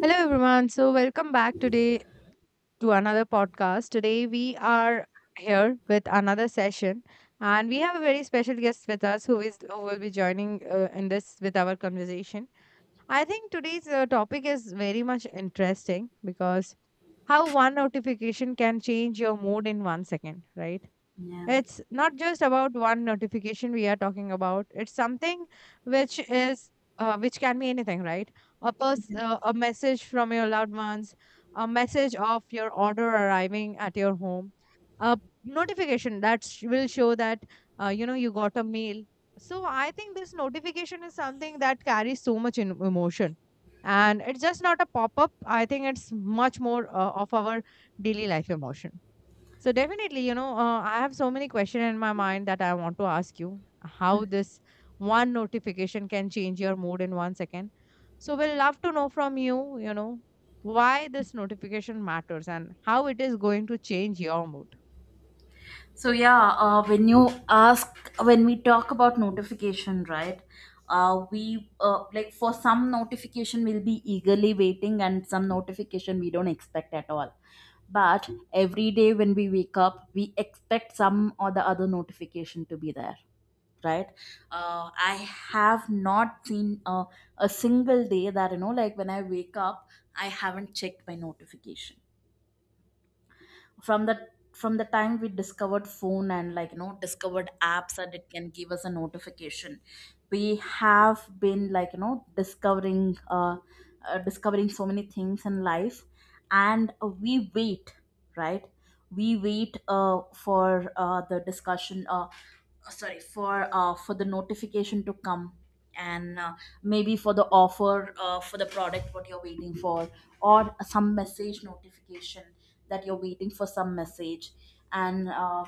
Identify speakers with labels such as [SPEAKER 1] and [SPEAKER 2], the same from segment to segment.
[SPEAKER 1] Hello, everyone. Welcome back today to another podcast. Today, we are here with another session, and we have a very special guest with us who is who will be joining in this with our conversation. I think today's topic is very much interesting because how one notification can change your mood in 1 second, right?
[SPEAKER 2] Yeah.
[SPEAKER 1] It's not just about one notification we are talking about. It's something which is which can be anything, right? A message from your loved ones, a message of your order arriving at your home, a notification that will show that you know you got a mail. So I think this notification is something that carries so much emotion, and it's just not a pop up. I think it's much more of our daily life emotion. So definitely, you know, I have so many questions in my mind that I want to ask you how this one notification can change your mood in 1 second. So we'll love to know from you, you know, why this notification matters and how it is going to change your mood.
[SPEAKER 2] So yeah, when we talk about notification, right? We like for some notification we'll be eagerly waiting, and some notification we don't expect at all. But every day when we wake up, we expect some or the other notification to be there, right? I have not seen a single day that like when I wake up, I haven't checked my notification from the from the time we discovered phone, and like discovered apps that it can give us a notification. We have been like discovering so many things in life, and we wait, right? We wait for the notification to come. And maybe for the offer, for the product what you're waiting for, or some message notification that you're waiting for some message. And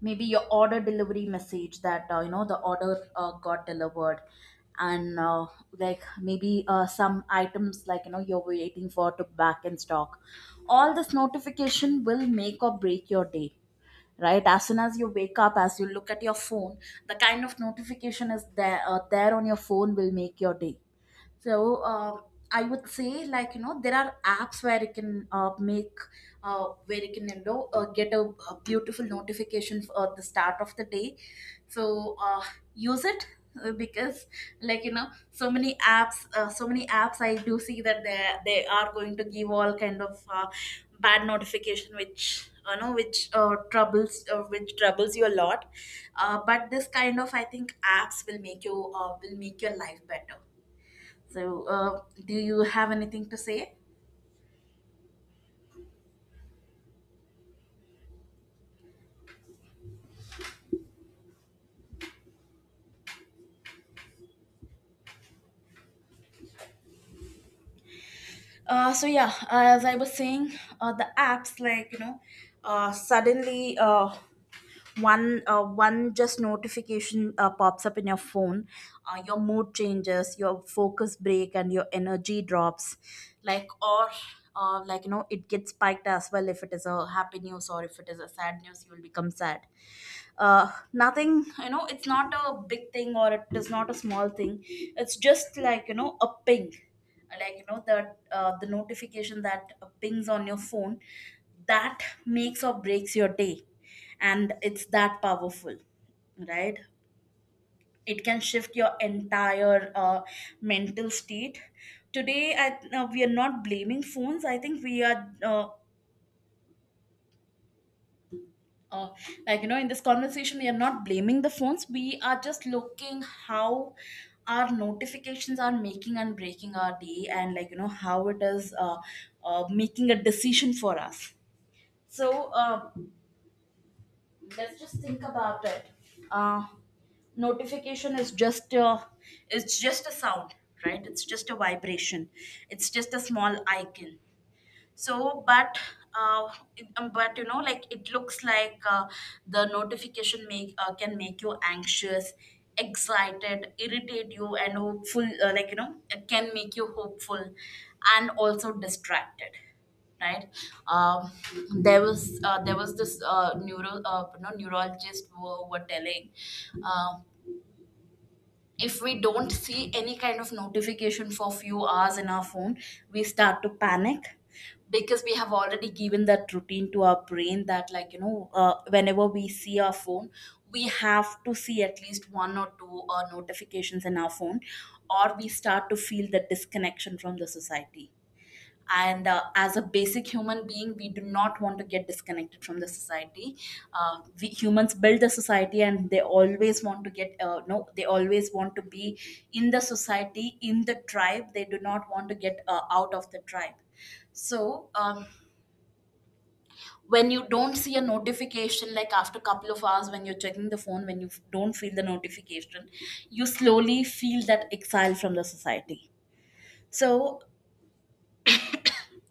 [SPEAKER 2] maybe your order delivery message that the order got delivered. And like maybe some items like you're waiting for to back in stock. All this notification will make or break your day, right? As soon as you wake up, as you look at your phone, the kind of notification is there there on your phone will make your day. So I would say like there are apps where you can make where you can get a beautiful notification for the start of the day. So use it because like so many apps, so many apps I do see that they are going to give all kind of bad notification, which which troubles which troubles you a lot. But this kind of, I think, apps will make you will make your life better. So, do you have anything to say? So yeah, as I was saying, the apps like you know, suddenly one one just notification pops up in your phone, your mood changes, your focus break, and your energy drops, like, or like it gets spiked as well. If it is a happy news, or if it is a sad news, you will become sad. Nothing, it's not a big thing or it is not a small thing, it's just like a ping, like the notification that pings on your phone, that makes or breaks your day. And it's that powerful, right? It can shift your entire mental state. Today we are not blaming phones. I think we are uh, like in this conversation, we are not blaming the phones, we are just looking how our notifications are making and breaking our day, and like how it is making a decision for us. So let's just think about it. uh, Notification is just it's just a sound, right? It's just a vibration, it's just a small icon. So, but uh, but like it looks like the notification make can make you anxious, excited, irritate you, and hopeful, like it can make you hopeful, and also distracted, right? um, there was there was this neurologist who were telling um if we don't see any kind of notification for few hours in our phone, we start to panic, because we have already given that routine to our brain, that like whenever we see our phone, we have to see at least one or two notifications in our phone, or we start to feel the disconnection from the society. And as a basic human being, we do not want to get disconnected from the society. We humans build the society, and they always want to get no they always want to be in the society, in the tribe, they do not want to get out of the tribe. So when you don't see a notification like after a couple of hours, when you're checking the phone, when you don't feel the notification, you slowly feel that exile from the society. So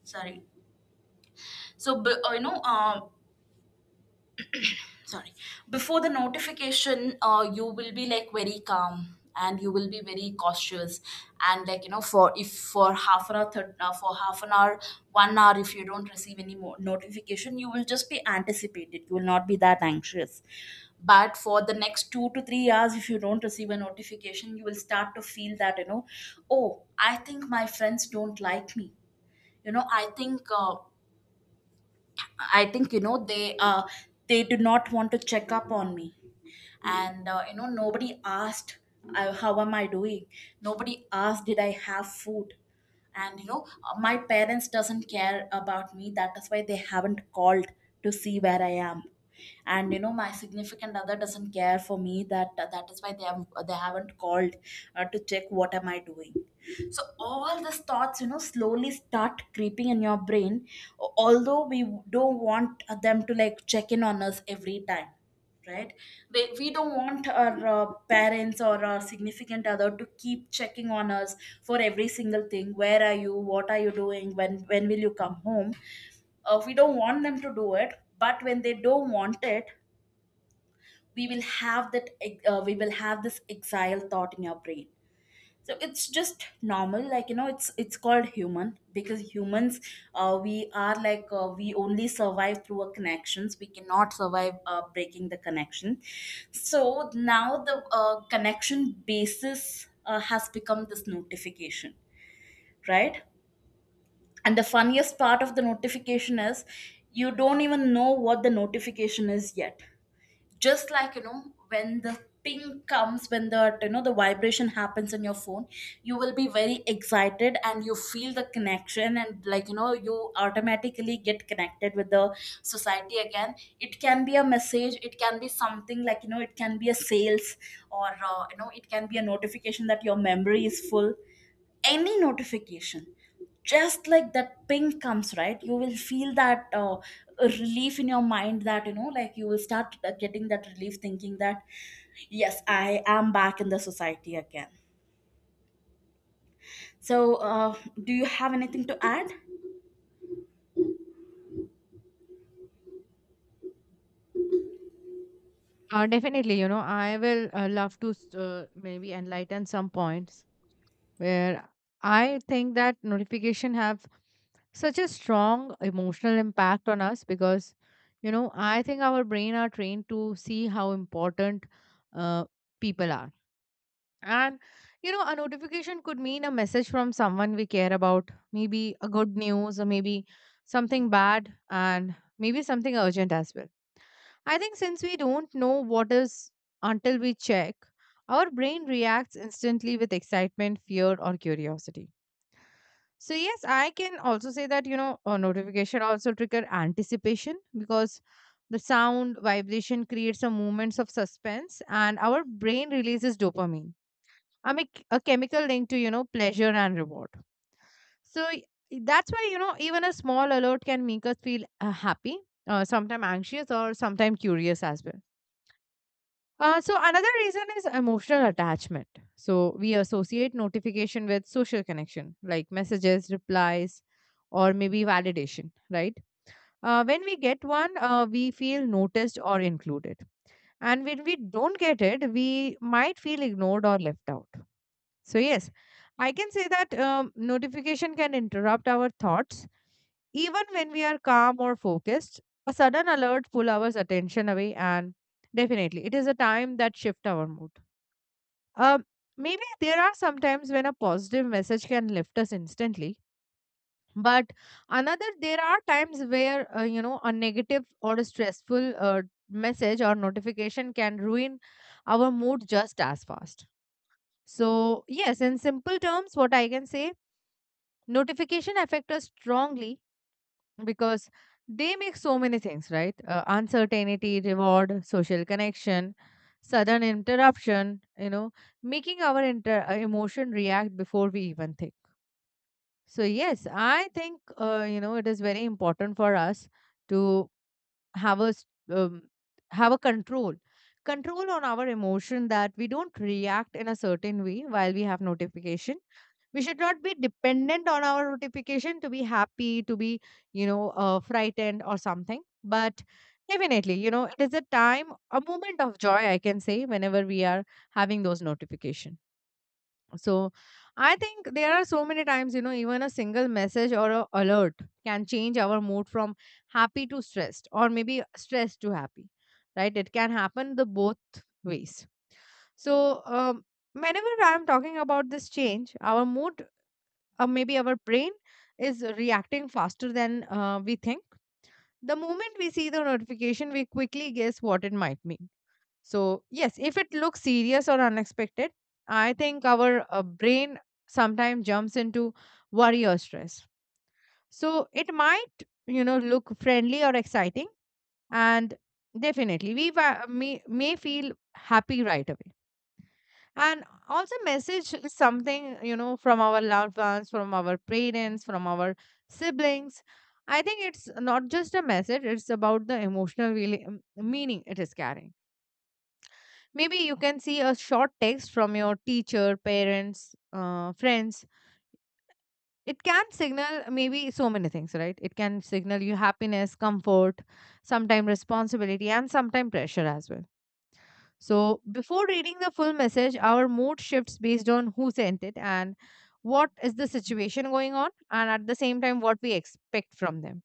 [SPEAKER 2] sorry, so b- you know sorry before the notification, you will be like very calm and you will be very cautious. And like for, if for half an hour, for half an hour, 1 hour, if you don't receive any more notification, you will just be anticipated, you will not be that anxious. But for the next 2 to 3 hours, if you don't receive a notification, you will start to feel that, oh, I think my friends don't like me. I think, I think they do not want to check up on me. And nobody asked how am I doing. Nobody asked did I have food. And my parents doesn't care about me, that is why they haven't called to see where I am. And my significant other doesn't care for me, that that is why they have they haven't called to check what am I doing. So all these thoughts, slowly start creeping in your brain, although we don't want them to like check in on us every time, right? We don't want our parents or our significant other to keep checking on us for every single thing. Where are you, what are you doing, when will you come home? We don't want them to do it, but when they don't want it, we will have that we will have this exile thought in your brain. So it's just normal, like it's called human, because humans, we are like we only survive through our connections, we cannot survive breaking the connection. So now the connection basis has become this notification, right? And the funniest part of the notification is you don't even know what the notification is yet. Just like when the ping comes, when the the vibration happens on your phone, you will be very excited and you feel the connection, and like you automatically get connected with the society again. It can be a message, it can be something, like it can be a sales, or it can be a notification that your memory is full. Any notification, just like that ping comes, right? You will feel that relief in your mind, that like you will start getting that relief thinking that, yes, I am back in the society again. So do you have anything to add?
[SPEAKER 1] Definitely, you know, I will love to maybe enlighten some points where I think that notification have such a strong emotional impact on us because you know I think our brain are trained to see how important uh, people are, and you know a notification could mean a message from someone we care about, maybe a good news, or maybe something bad, and maybe something urgent as well. I think since we don't know what is until we check, our brain reacts instantly with excitement, fear, or curiosity. So yes, I can also say that you know a notification also trigger anticipation because the sound vibration creates a moments of suspense and our brain releases dopamine. I mean a chemical linked to you know pleasure and reward. So y- that's why you know even a small alert can make us feel happy, sometimes anxious or sometimes curious as well. So another reason is emotional attachment. So we associate notification with social connection, like messages, replies, or maybe validation, right? When we get one, we feel noticed or included. And when we don't get it, we might feel ignored or left out. So, yes, I can say that notification can interrupt our thoughts. Even when we are calm or focused, a sudden alert pull our attention away, and definitely it is a time that shift our mood. Uh, Maybe there are some times when a positive message can lift us instantly, but another there are times where you know a negative or a stressful message or notification can ruin our mood just as fast. So yes, in simple terms, what I can say, notification affect us strongly because they make so many things right, uncertainty, reward, social connection, sudden interruption, you know, making our emotion react before we even think. So yes, I think you know it is very important for us to have a s- um, have a control on our emotion, that we don't react in a certain way while we have notification. We should not be dependent on our notification to be happy, to be you know frightened or something. But definitely you know it is a time, a moment of joy I can say, whenever we are having those notification. So I think there are so many times you know even a single message or a alert can change our mood from happy to stressed or maybe stressed to happy, right? It can happen the both ways. So um, whenever I'm talking about this change our mood, or maybe our brain is reacting faster than we think. The moment we see the notification, we quickly guess what it might mean. So, yes, if it looks serious or unexpected, I think our brain sometimes jumps into worry or stress. So, it might, you know, look friendly or exciting, and definitely we may feel happy right away. And also, message is something, you know, from our loved ones, from our parents, from our siblings. I think it's not just a message, it's about the emotional really, meaning it is carrying. Maybe you can see a short text from your teacher, parents, friends. It can signal maybe so many things, right? It can signal you happiness, comfort, sometimes responsibility, and sometimes pressure as well. So, before reading the full message, our mood shifts based on who sent it and what is the situation going on, and at the same time, what we expect from them.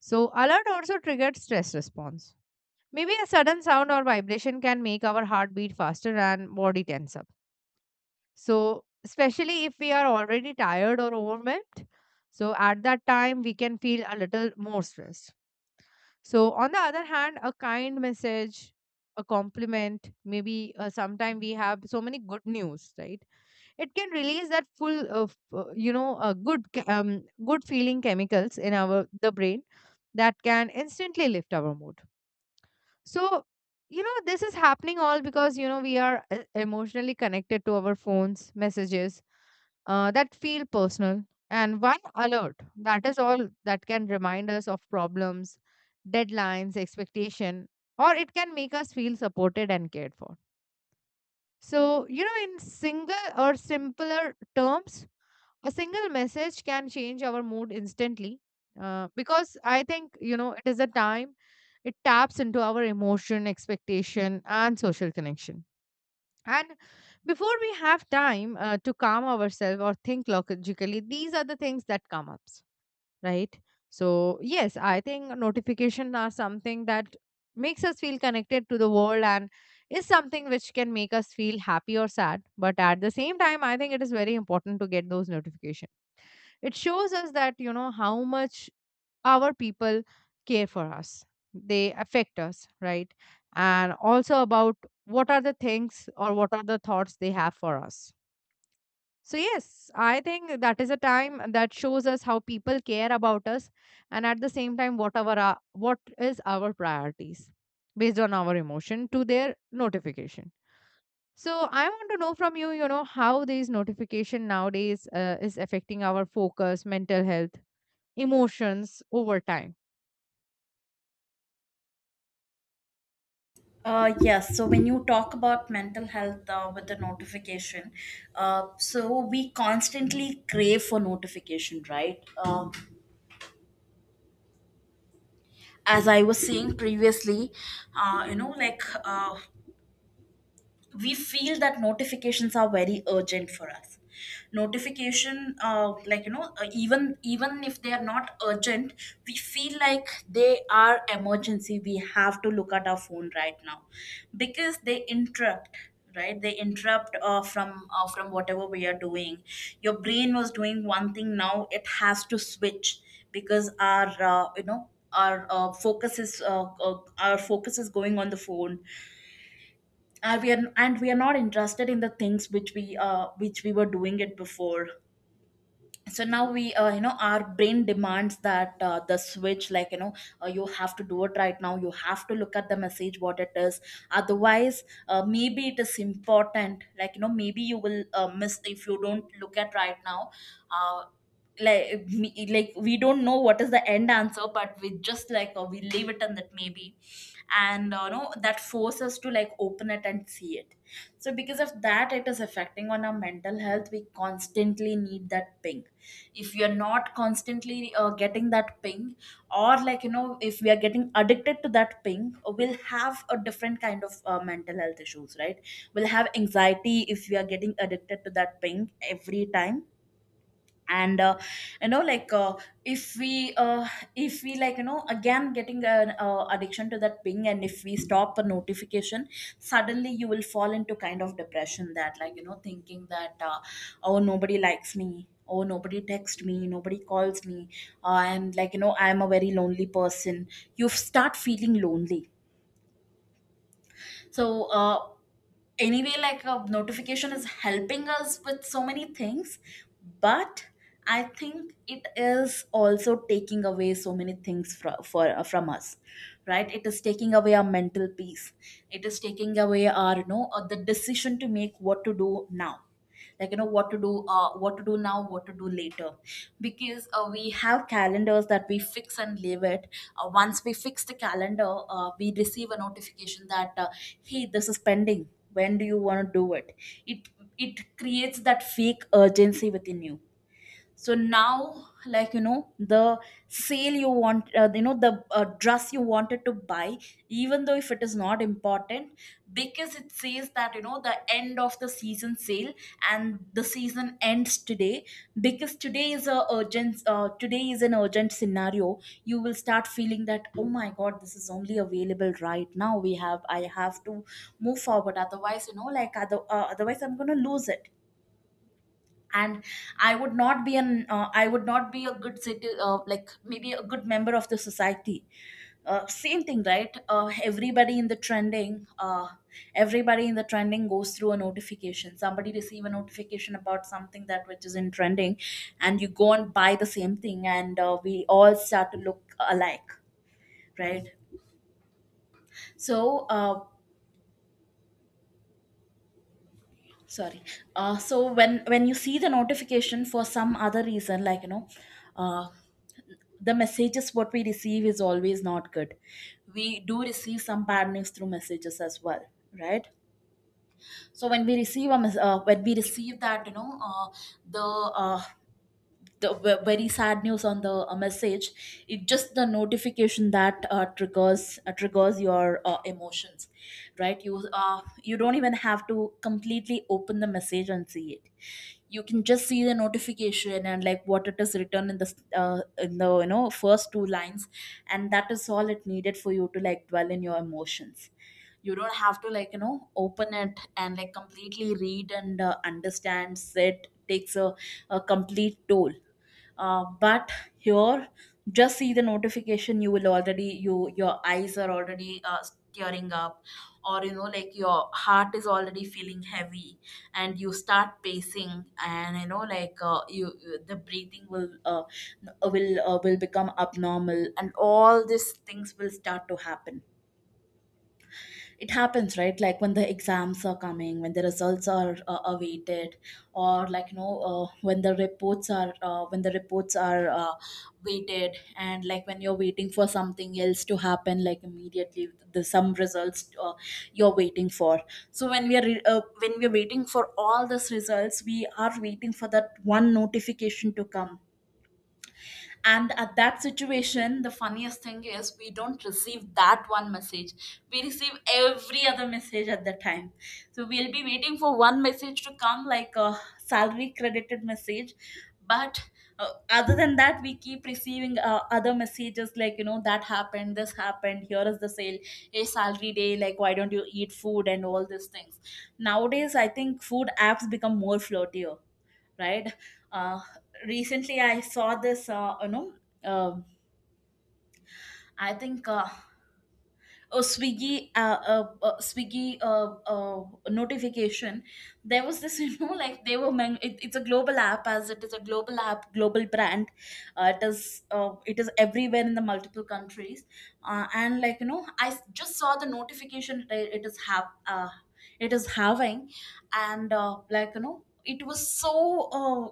[SPEAKER 1] So, alert also triggered stress response. Maybe a sudden sound or vibration can make our heartbeat faster and body tense up. So, especially if we are already tired or overwhelmed, so at that time we can feel a little more stressed. So, on the other hand, a kind message, a compliment, maybe sometime we have so many good news, right? It can release that full of, you know, good, good feeling chemicals in our the brain that can instantly lift our mood. So, you know, this is happening all because you know we are emotionally connected to our phones, messages, that feel personal. And one alert that is all that can remind us of problems, deadlines, expectation, or it can make us feel supported and cared for. So you know in single or simpler terms, a single message can change our mood instantly, because I think you know it is a time, it taps into our emotion, expectation, and social connection. And before we have time to calm ourselves or think logically, these are the things that come up, right? So, yes, I think notifications are something that makes us feel connected to the world and is something which can make us feel happy or sad. But at the same time, I think it is very important to get those notifications. It shows us that, you know, how much our people care for us, they affect us, right? And also about what are the things or what are the thoughts they have for us. So yes, I think that is a time that shows us how people care about us, and at the same time whatever our, what is our priorities based on our emotion to their notification. So I want to know from you, you know, how these notification nowadays is affecting our focus, mental health, emotions over time.
[SPEAKER 2] Yes, so when you talk about mental health with the notification, so we constantly crave for notification, right? As I was saying previously, uh, you know, like uh, we feel that notifications are very urgent for us. Notification, like even if they are not urgent, we feel like they are emergency, we have to look at our phone right now, because they interrupt, right? They interrupt from whatever we are doing. Your brain was doing one thing, now it has to switch, because our our focus is our focus is going on the phone. And we are not interested in the things which we were doing it before. So now we our brain demands that the switch, like you have to do it right now, you have to look at the message what it is. Otherwise, maybe it is important, like maybe you will miss if you don't look at right now. uh, like me, like we don't know what is the end answer, but we just like we leave it and that maybe. And no, that force us to like open it and see it. So because of that it is affecting on our mental health, we constantly need that ping. If you're not constantly getting that ping, or like if we are getting addicted to that ping, we'll have a different kind of mental health issues, right? We'll have anxiety if we are getting addicted to that ping every time. And like if we uh, if we like again getting an addiction to that ping, and if we stop a notification suddenly, you will fall into kind of depression, that like thinking that, oh nobody likes me, oh nobody texts me, nobody calls me, and like you know I'm a very lonely person. You start feeling lonely. so uh, anyway, like a notification is helping us with so many things, but I think it is also taking away so many things from us. Right, it is taking away our mental peace. It is taking away our you know the decision to make what to do now. Like you know what to do, what to do now, what to do later. Because we have calendars that we fix and leave it. Once we fix the calendar, we receive a notification that, hey, this is pending, when do you want to do it? It it creates that fake urgency within you. So now, like you know, the sale you want, you know, the dress you wanted to buy, even though if it is not important, because it says that you know the end of the season sale and the season ends today. Because today is a urgent, today is an urgent scenario, you will start feeling that, oh my god, this is only available right now, we have, I have to move forward, otherwise you know, like otherwise I'm going to lose it. And I would not be an I would not be a good city, like maybe a good member of the society. Same thing, right? Everybody in the trending everybody in the trending goes through a notification. Somebody receive a notification about something that which is in trending, and you go and buy the same thing, and we all start to look alike. Right. so uh, sorry. So when you see the notification for some other reason, like you know, uh, the messages what we receive is always not good. We do receive some bad news through messages as well. Right. So when we receive that you know the uh, the very sad news on the message, it just the notification that triggers your emotions. Right, you don't even have to completely open the message and see it. You can just see the notification and like what it is written in the you know first two lines, and that is all it needed for you to like dwell in your emotions. You don't have to, like you know, open it and like completely read and understand it. Takes a complete toll. But here, just see the notification, you will already, you, your eyes are already tearing up, or you know like your heart is already feeling heavy, and you start pacing and you know like, the breathing will become abnormal, and all these things will start to happen. It happens, right? Like when the exams are coming, when the results are awaited, or like you know, when the reports are when the reports are waited, and like when you're waiting for something else to happen, like immediately the some results you're waiting for. So when we're waiting for all these results, we are waiting for that one notification to come. And at that situation, the funniest thing is we don't receive that one message, we receive every other message at the time. So we'll be waiting for one message to come, like a salary credited message. But other than that, we keep receiving other messages like you know, that happened, this happened, here is the sale, a salary day, like why don't you eat food and all these things. Nowadays I think food apps become more flirtier, right? Uh, recently I saw this, you know, um I think a Swiggy notification. There was this, you know, like it's a global app, as it is a global app, global brand. It is everywhere in the multiple countries. And like you know, just saw the notification. That it is have. It is having, and like you know,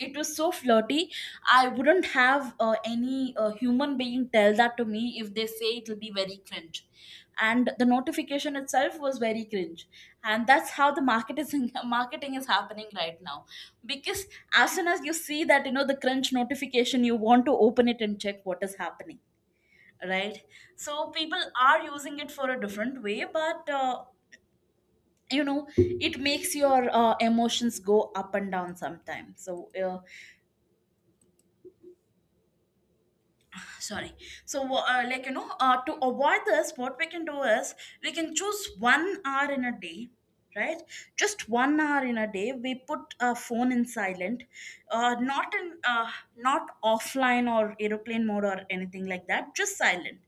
[SPEAKER 2] it was so flirty. I wouldn't have any human being tell that to me, if they say it will be very cringe, and the notification itself was very cringe. And that's how the marketing marketing is happening right now. Because as soon as you see that you know the cringe notification, you want to open it and check what is happening. Right. So people are using it for a different way, but you know, it makes your emotions go up and down sometimes. Sorry. So like you know, to avoid this, what we can do is we can choose 1 hour in a day. Right. Just 1 hour in a day, we put a phone in silent, uh, not in uh, not offline or aeroplane mode or anything like that, just silent.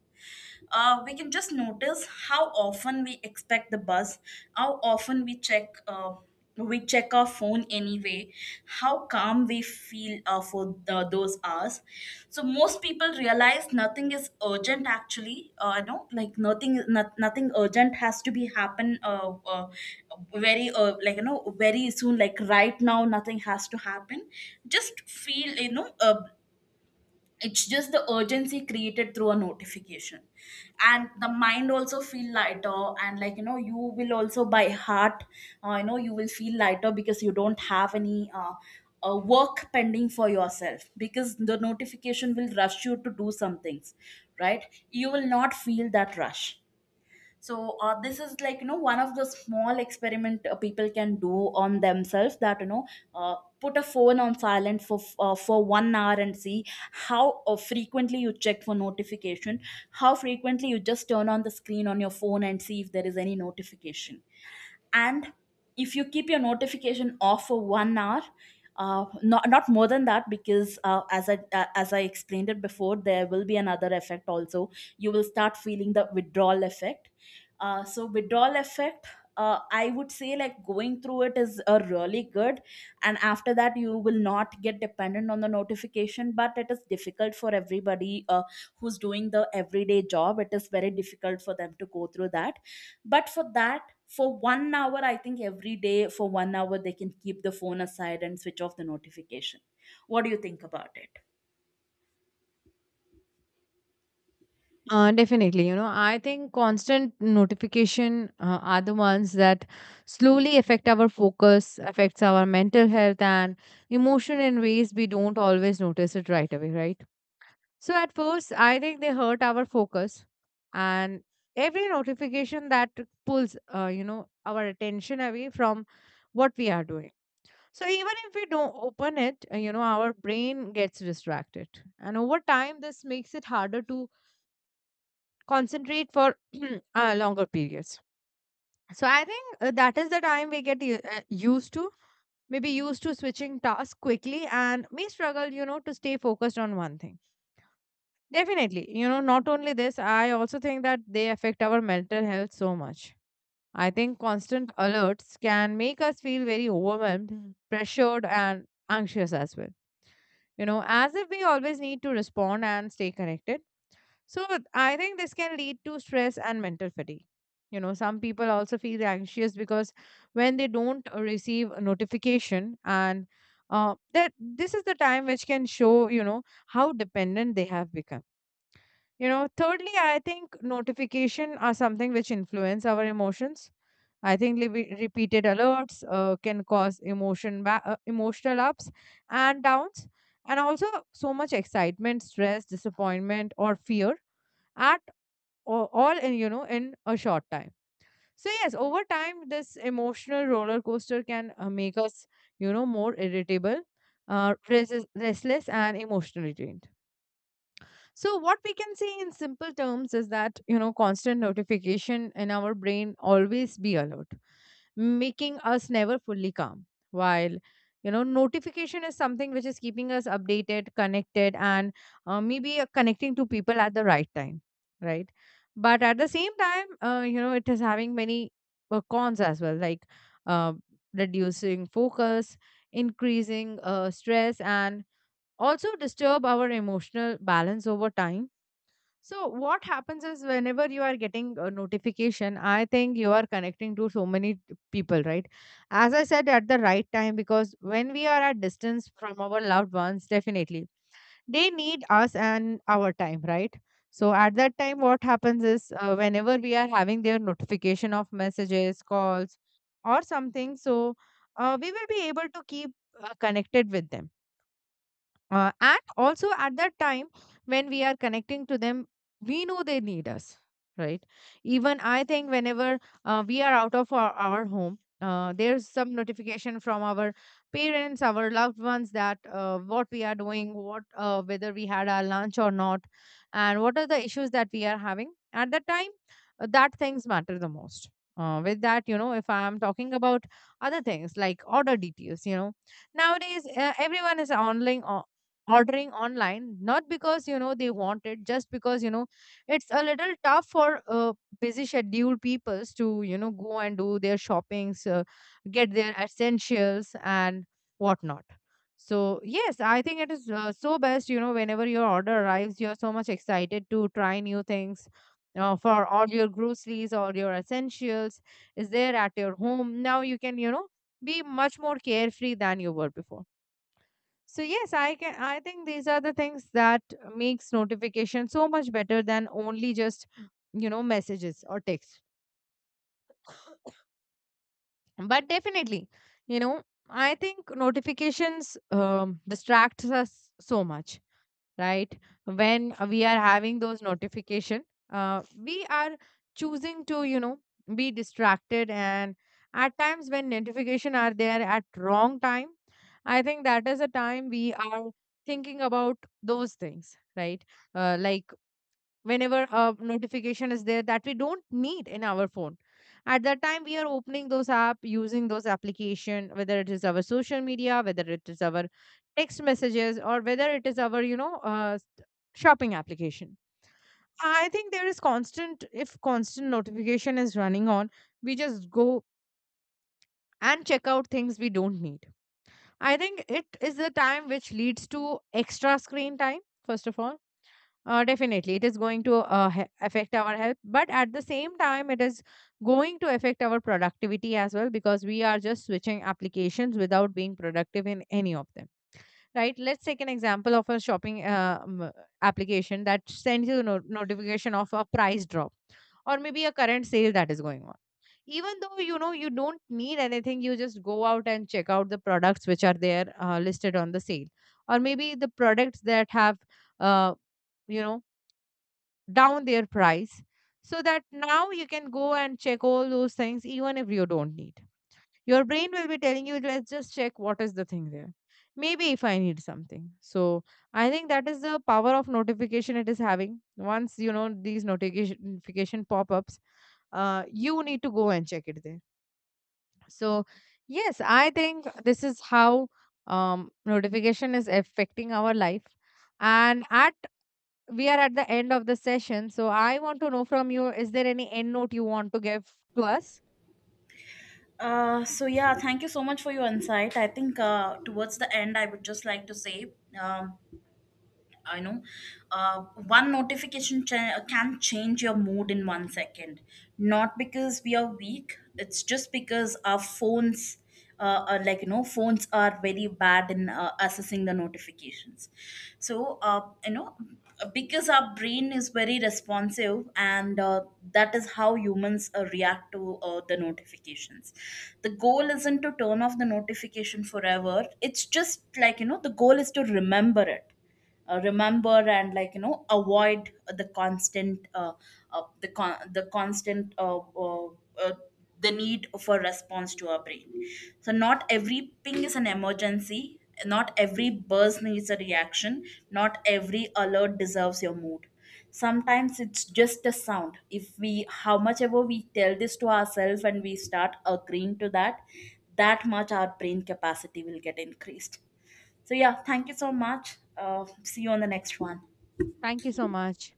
[SPEAKER 2] We can just notice how often we expect the bus, how often we check. We check our phone anyway, how calm we feel for those hours. So most people realize nothing is urgent actually, you know, like nothing, nothing urgent has to be happen, very like you know, very soon, like right now nothing has to happen. Just feel you know it's just the urgency created through a notification. And the mind also feel lighter, and like you know, you will also by heart you know, you will feel lighter because you don't have any work pending for yourself, because the notification will rush you to do some things. Right, you will not feel that rush. So this is like you know one of the small experiment people can do on themselves, that you know, put a phone on silent for 1 hour, and see how frequently you check for notification, how frequently you just turn on the screen on your phone and see if there is any notification. And if you keep your notification off for 1 hour, not more than that, because as I explained it before, there will be another effect also. You will start feeling the withdrawal effect. So withdrawal effect, I would say like going through it is really good, and after that you will not get dependent on the notification. But it is difficult for everybody, who's doing the everyday job, it is very difficult for them to go through that. But for that, for 1 hour, I think every day for 1 hour they can keep the phone aside and switch off the notification. What do you think about it?
[SPEAKER 1] Definitely, you know, I think constant notification are the ones that slowly affect our focus, affects our mental health and emotion in ways we don't always notice it right away, right? So at first, I think they hurt our focus, and every notification that pulls, you know, our attention away from what we are doing. So even if we don't open it, you know, our brain gets distracted, and over time, this makes it harder to concentrate for longer periods. So I think that is the time we get used to, maybe used to switching tasks quickly and may struggle, you know, to stay focused on one thing. Definitely, you know, not only this, I also think that they affect our mental health so much. I think constant alerts can make us feel very overwhelmed, Mhm, pressured, and anxious as well. You know, as if we always need to respond and stay connected. So I think this can lead to stress and mental fatigue. You know, some people also feel anxious because when they don't receive a notification, and that this is the time which can show you know how dependent they have become. You know, thirdly, I think notification are something which influence our emotions. I think repeated alerts can cause emotional ups and downs, and also so much excitement, stress, disappointment, or fear at all in you know in a short time. So yes, over time this emotional roller coaster can make us you know more irritable, restless and emotionally drained. So what we can say in simple terms is that you know constant notification in our brain always be alert, making us never fully calm. While you know, notification is something which is keeping us updated, connected, and maybe connecting to people at the right time, right? But at the same time, you know, it is having many cons as well, like uh, reducing focus, increasing stress, and also disturb our emotional balance over time. So what happens is whenever you are getting a notification, I think you are connecting to so many people, right? As I said, at the right time, because when we are at distance from our loved ones, definitely they need us and our time, right? So at that time, what happens is, whenever we are having their notification of messages, calls, or something, so we will be able to keep connected with them, and also at that time, when we are connecting to them, we know they need us, right? Even I think whenever we are out of our home, there's some notification from our parents, our loved ones, that what we are doing, what, whether we had our lunch or not, and what are the issues that we are having at that time. Uh, that things matter the most. With that, if I am talking about other things like order details, nowadays everyone is online ordering online, not because they want it, just because, you know, it's a little tough for busy scheduled peoples to, you know, go and do their shoppings, get their essentials and whatnot. So yes, I think it is so best, you know, whenever your order arrives, you're so much excited to try new things, for all your groceries, all your essentials is there at your home. Now you can, you know, be much more carefree than you were before. So yes, I think these are the things that makes notification so much better than only just, you know, messages or text. But definitely, you know, I think notifications distracts us so much, right? When we are having those notification, we are choosing to, you know, be distracted. And at times when notification are there at wrong time, I think that is a time we are thinking about those things, right? Uh, like whenever a notification is there that we don't need in our phone, at that time we are opening those app, using those application, whether it is our social media, whether it is our text messages, or whether it is our, you know, shopping application. I think there is constant if constant notification is running on, we just go and check out things we don't need. I think it is the time which leads to extra screen time. First of all, definitely, it is going to affect our health, but at the same time, it is going to affect our productivity as well, because we are just switching applications without being productive in any of them. Right? Let's take an example of a shopping application that sends you notification of a price drop or maybe a current sale that is going on. Even though you know you don't need anything, you just go out and check out the products which are there listed on the sale, or maybe the products that have uh, you know down their price, so that now you can go and check all those things. Even if you don't need, your brain will be telling you, let's just check what is the thing there, maybe if I need something. So I think that is the power of notification it is having. Once, you know, these notification pop-ups, you need to go and check it there. So yes, I think this is how notification is affecting our life. And at, we are at the end of the session. So I want to know from you, is there any end note you want to give to us?
[SPEAKER 2] So yeah, thank you so much for your insight. I think towards the end I would just like to say, um, I know one notification can change your mood in 1 second. Not because we are weak, it's just because our phones. Are, like you know, phones are very bad in assessing the notifications. You know, because our brain is very responsive, and that is how humans react to the notifications. The goal isn't to turn off the notification forever, it's just like you know, the goal is to remember it. Remember, and like you know, avoid the constant the constant uh, the need for response to our brain. So not every ping is an emergency, not every buzz needs a reaction, not every alert deserves your mood. Sometimes it's just a sound. If we, how much ever we tell this to ourselves and we start agreeing to that, that much our brain capacity will get increased. So yeah, thank you so much. See you on the next one.
[SPEAKER 1] Thank you so much.